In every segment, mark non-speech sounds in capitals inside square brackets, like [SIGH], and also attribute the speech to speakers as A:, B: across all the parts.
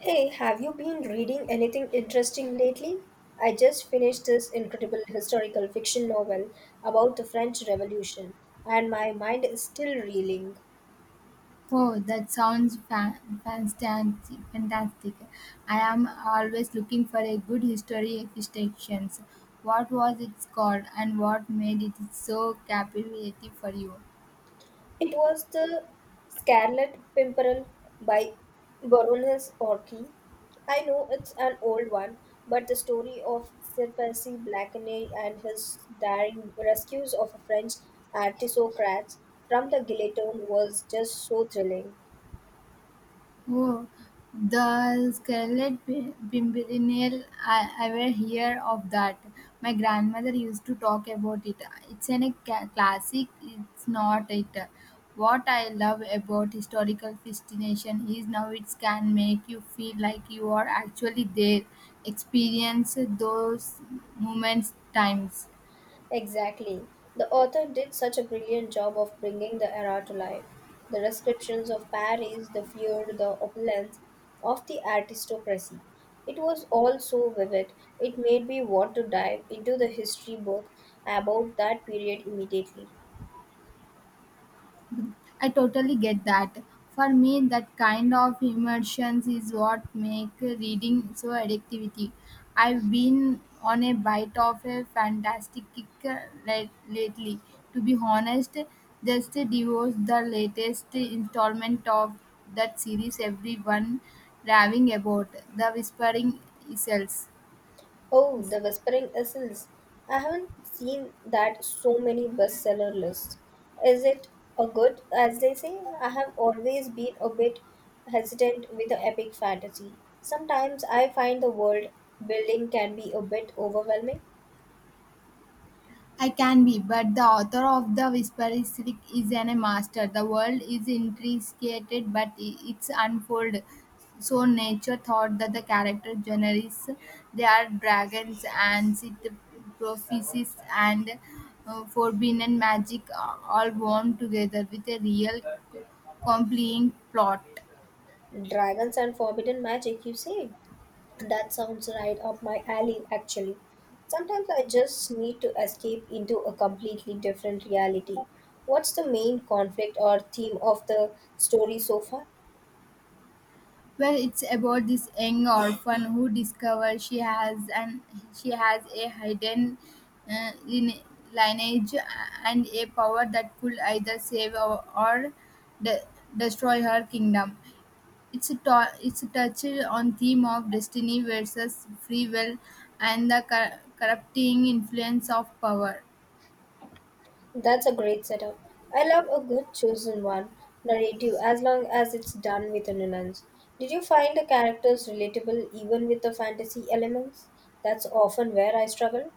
A: Hey, have you been reading anything interesting lately? I just finished this incredible historical fiction novel about the French Revolution, and my mind is still reeling.
B: Oh, that sounds fantastic! Fantastic! I am always looking for a good history fiction. What was it called, and what made it so captivating for you?
A: It was The Scarlet Pimpernel by Baroness Orchie. I know it's an old one, but the story of Sir Percy Blakeney and his daring rescues of a French aristocrats from the guillotine was just so thrilling.
B: Oh, the scarlet pimpernel. I will hear of that. My grandmother used to talk about it. It's a classic. It's not it. What I love about historical fascination is now it can make you feel like you are actually there. Experience those moments, times.
A: Exactly. The author did such a brilliant job of bringing the era to life. The descriptions of Paris, the fear, the opulence of the aristocracy. It was all so vivid, it made me want to dive into the history book about that period immediately.
B: I totally get that. For me, that kind of immersion is what make reading so addictivity. I've been on a bite of a fantastic kick lately. To be honest, just divorced the latest installment of that series everyone raving about, The Whispering Isles.
A: Oh, The Whispering Isles. I haven't seen that so many bestseller lists. Is it a good, as they say? I have always been a bit hesitant with the epic fantasy. Sometimes I find the world building can be a bit overwhelming.
B: I can be, but the author of The Whisper is Rick is a master. The world is intricate, but it's unfold. So nature thought that the character generates they are dragons and sit prophecies and forbidden magic are all woven together with a real compelling plot.
A: Dragons and forbidden magic, you say? That sounds right up my alley, actually. Sometimes I just need to escape into a completely different reality. What's the main conflict or theme of the story so far?
B: Well, it's about this young orphan who discovers she has a hidden uh, line- lineage and a power that could either save or de- destroy her kingdom. It's a touch on theme of destiny versus free will and the corrupting influence of power.
A: That's a great setup. I love a good chosen one narrative as long as it's done with a nuance. Did you find the characters relatable even with the fantasy elements? That's often where I struggle.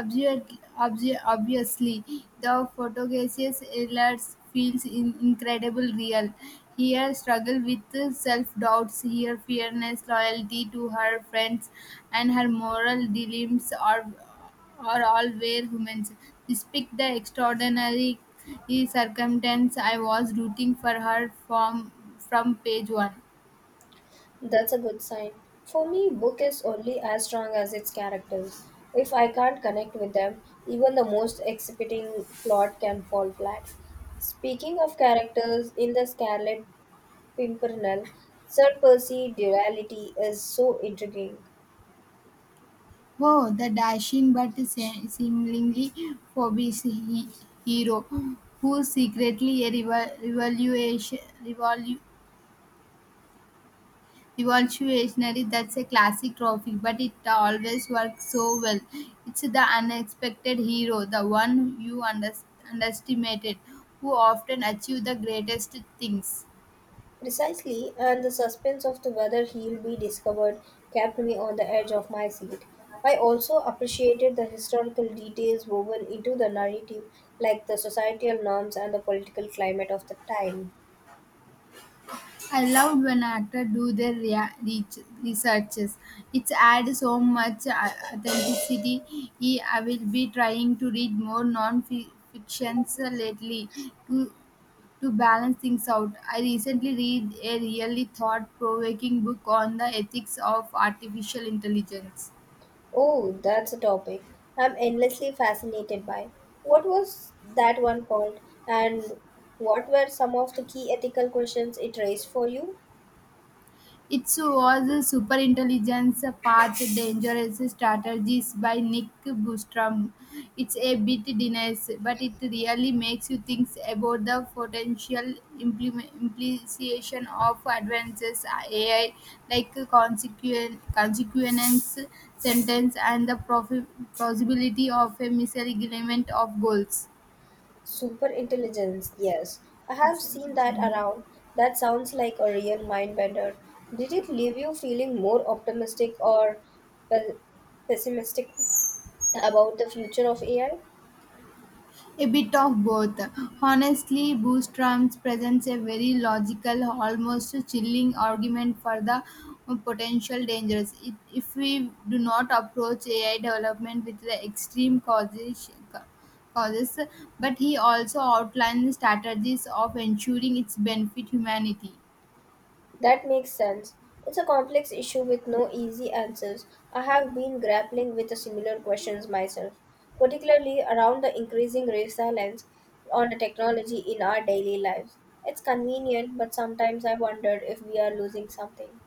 B: Obvi- Obviously, the photogaseous Ehlers feels incredible real. Here, struggle with self doubts, here, fearness, loyalty to her friends, and her moral dilemmas are all were humans. Despite the extraordinary circumstance, I was rooting for her from page one.
A: That's a good sign. For me, book is only as strong as its characters. If I can't connect with them, even the most exciting plot can fall flat. Speaking of characters, in the Scarlet Pimpernel, Sir Percy duality is so intriguing.
B: Oh, the dashing but seemingly obese hero who secretly a revolu- revolutionary. That's a classic trophy, but it always works so well. It's the unexpected hero, the one you underestimated, who often achieve the greatest things.
A: Precisely, and the suspense of the whether he'll be discovered kept me on the edge of my seat. I also appreciated the historical details woven into the narrative, like the societal norms and the political climate of the time.
B: I loved when actors do their researches. It adds so much authenticity. E- I will be trying to read more non-fictions lately to to balance things out. I recently read a really thought-provoking book on the ethics of artificial intelligence.
A: Oh, that's a topic I'm endlessly fascinated by. What was that one called, and what were some of the key ethical questions it raised for you?
B: It was Superintelligence Path Dangerous Strategies by Nick Bostrom. It's a bit dense, but it really makes you think about the potential implication of advances AI like consequence sentence and the possibility of a misalignment of goals.
A: Super intelligence, yes. I have seen that around. That sounds like a real mind bender. Did it leave you feeling more optimistic or pe- pessimistic about the future of AI?
B: A bit of both. Honestly, Bootstrap presents a very logical, almost chilling argument for the potential dangers it, if we do not approach AI development with the extreme causes. Causes. But he also outlines strategies of ensuring its benefit humanity.
A: That makes sense. It's a complex issue with no easy answers. I have been grappling with similar questions myself, particularly around the increasing reliance on the technology in our daily lives. It's convenient, but sometimes I wonder if we are losing something.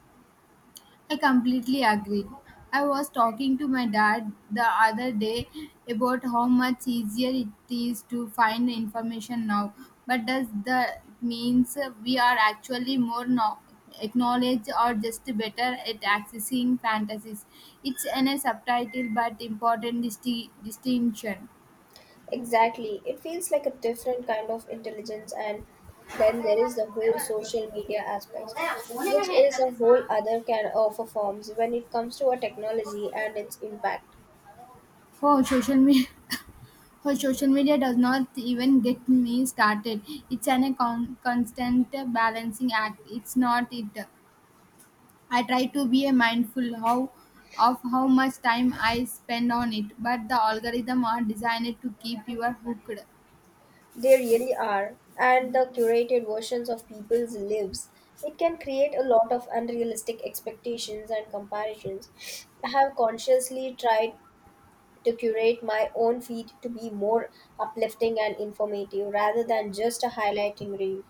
B: I completely agree. I was talking to my dad the other day about how much easier it is to find information now. But does that means we are actually more acknowledged or just better at accessing fantasies? It's an a subtitle but important distinction.
A: Exactly. It feels like a different kind of intelligence, and then there is the whole social media aspect, which is a whole other can of a forms when it comes to a technology and its impact.
B: For social media. [LAUGHS] For social media does not even get me started. It's an a constant balancing act. It's not it. I try to be a mindful how of how much time I spend on it, but the algorithm are designed to keep you hooked.
A: They really are, and the curated versions of people's lives. It can create a lot of unrealistic expectations and comparisons. I have consciously tried to curate my own feed to be more uplifting and informative rather than just a highlighting reel.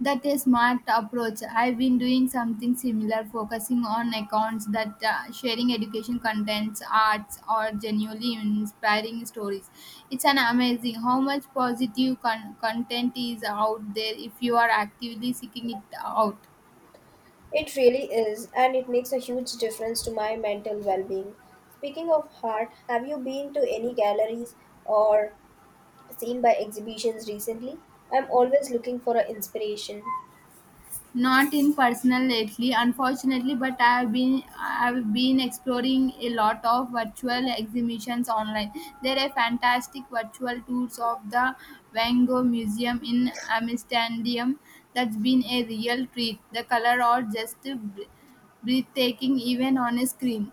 B: That is smart approach. I've been doing something similar, focusing on accounts that sharing education contents, arts, or genuinely inspiring stories. It's an amazing how much positive content is out there if you are actively seeking it out.
A: It really is, and it makes a huge difference to my mental well being. Speaking of art, have you been to any galleries or seen by exhibitions recently? I'm always looking for an inspiration.
B: Not in personal lately, unfortunately, but I've been exploring a lot of virtual exhibitions online. There are fantastic virtual tours of the Van Gogh Museum in Amsterdam. That's been a real treat. The color are just breathtaking, even on a screen.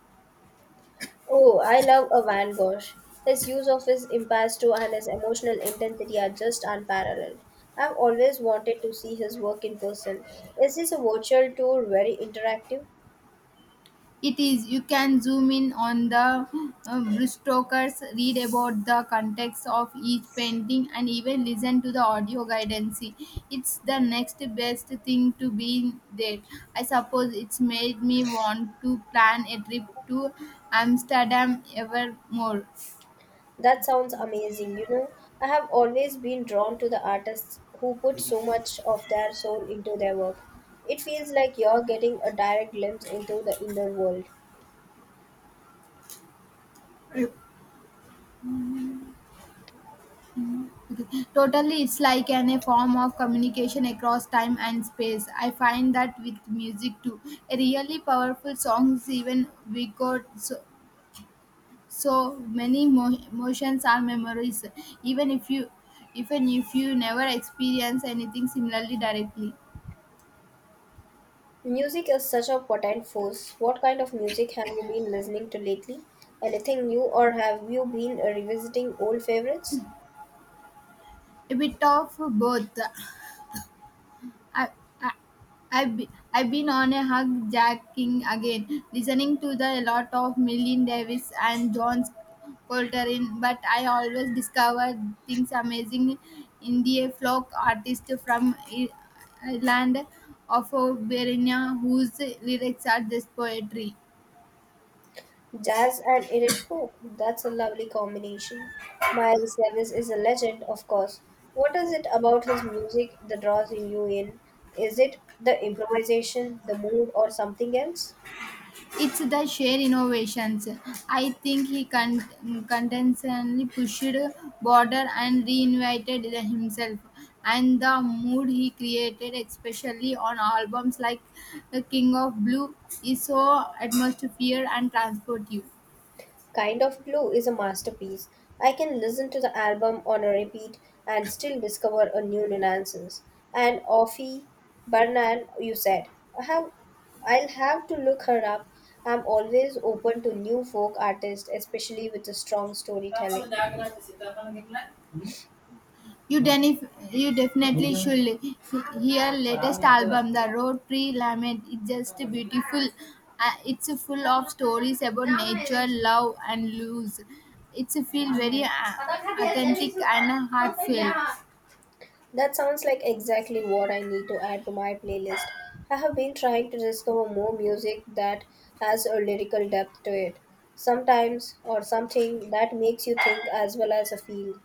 A: Oh, I love a Van Gogh. His use of his impasto and his emotional intensity are just unparalleled. I've always wanted to see his work in person. Is this a virtual tour very interactive?
B: It is. You can zoom in on the brushstrokes, read about the context of each painting, and even listen to the audio guidance. It's the next best thing to be there. I suppose it's made me want to plan a trip to Amsterdam ever more.
A: That sounds amazing. You know, I have always been drawn to the artists who put so much of their soul into their work. It feels like you're getting a direct glimpse into the inner world.
B: Totally, it's like a form of communication across time and space. I find that with music too. A really powerful songs, even we could. So many emotions are memories, even if you even if you never experience anything similarly directly.
A: Music is such a potent force. What kind of music have you been listening to lately? Anything new, or have you been revisiting old favorites?
B: A bit of both. I, I, I've been on a hug jacking again, listening to the lot of Millie Davis and John Coltrane, but I always discover things amazing in the folk artist from Ireland of Berenia whose lyrics are just poetry.
A: Jazz and Irish folk. That's a lovely combination. Miles Davis is a legend, of course. What is it about his music that draws you in? Is it the improvisation, the mood, or something else?
B: It's the sheer innovations. I think he continuously pushed border and reinvented himself. And the mood he created, especially on albums like The King of Blue, is so atmosphere and transportive.
A: Kind of Blue is a masterpiece. I can listen to the album on a repeat and still discover a new nuances. And Offie Bernal, you said. I have, I'll have to look her up. I'm always open to new folk artists, especially with a strong storytelling.
B: You, denif- you definitely should hear latest album, The Road Tree Lament. It's just beautiful. It's full of stories about nature, love, and lose. It's feel very authentic and heartfelt.
A: That sounds like exactly what I need to add to my playlist. I have been trying to discover more music that has a lyrical depth to it. Sometimes, or something that makes you think as well as a feel.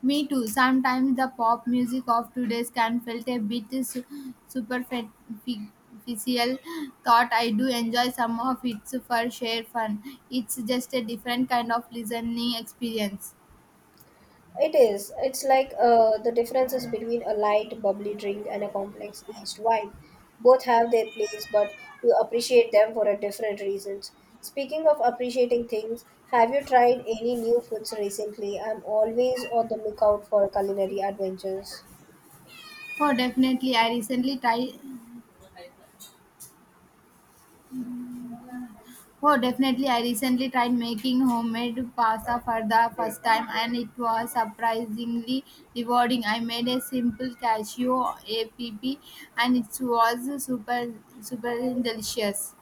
B: Me too. Sometimes the pop music of today's can felt a bit superficial. Thought I do enjoy some of it for sheer fun. It's just a different kind of listening experience.
A: It is. It's like the differences between a light, bubbly drink and a complex aged wine. Both have their place, but you appreciate them for a different reasons. Speaking of appreciating things, have you tried any new foods recently? I'm always on the lookout for culinary adventures.
B: Oh, definitely. I recently tried. Oh, definitely. I recently tried making homemade pasta for the first time, and it was surprisingly rewarding. I made a simple cashew app, and it was super delicious.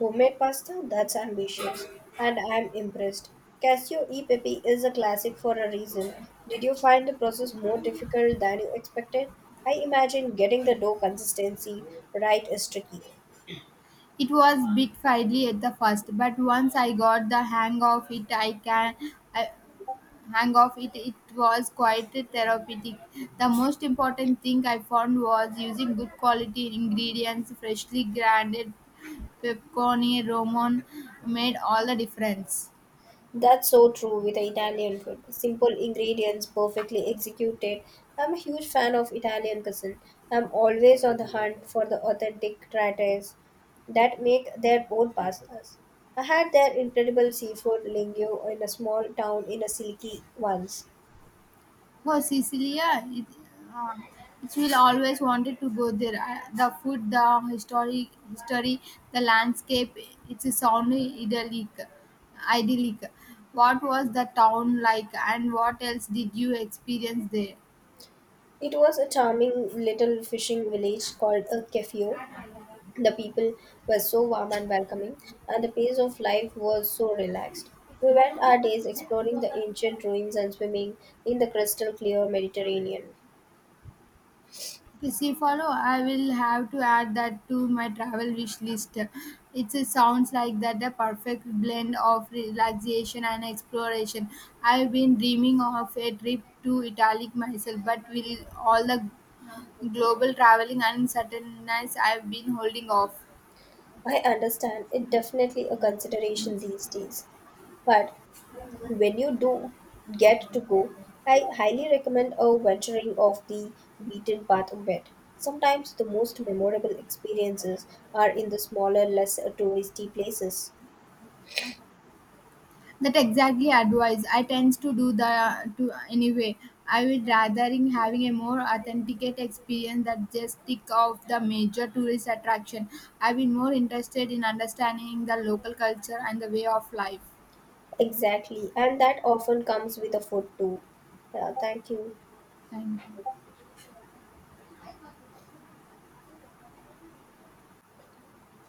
A: Homemade pasta? That's ambitious. And I'm impressed. Casio e pepe is a classic for a reason. Did you find the process more difficult than you expected? I imagine getting the dough consistency right is tricky.
B: It was bit fiddly at the first, but once I got the hang of it, I can. I, hang-off, it was quite therapeutic. The most important thing I found was using good quality ingredients, freshly grinded pepperoni, roman made all the difference.
A: That's so true with the Italian food. Simple ingredients, perfectly executed. I'm a huge fan of Italian cuisine. I'm always on the hunt for the authentic trattas that make their own pastas. I had their incredible seafood linguine in a small town in a silky once.
B: Oh, Sicilia, uh, it will always wanted to go there. I, the food, history, the landscape, it's a sound idyllic. Idyllic. What was the town like and what else did you experience there?
A: It was a charming little fishing village called a Kefio. The people were so warm and welcoming, and the pace of life was so relaxed. We spent our days exploring the ancient ruins and swimming in the crystal clear Mediterranean.
B: Yes, if follow, I will have to add that to my travel wish list. It sounds like that the perfect blend of relaxation and exploration. I've been dreaming of a trip to Italy myself, but with all the global traveling and uncertainties, I've been holding off.
A: I understand it definitely a consideration these days, but when you do get to go, I highly recommend a venturing off the beaten path a bit. Sometimes the most memorable experiences are in the smaller, less touristy places.
B: That exactly advice. I tend to do the to anyway. I would rather in having a more authenticate experience that just tick off the major tourist attraction. I've been more interested in understanding the local culture and the way of life.
A: Exactly, and that often comes with a food too. Yeah, thank you.
B: Thank you.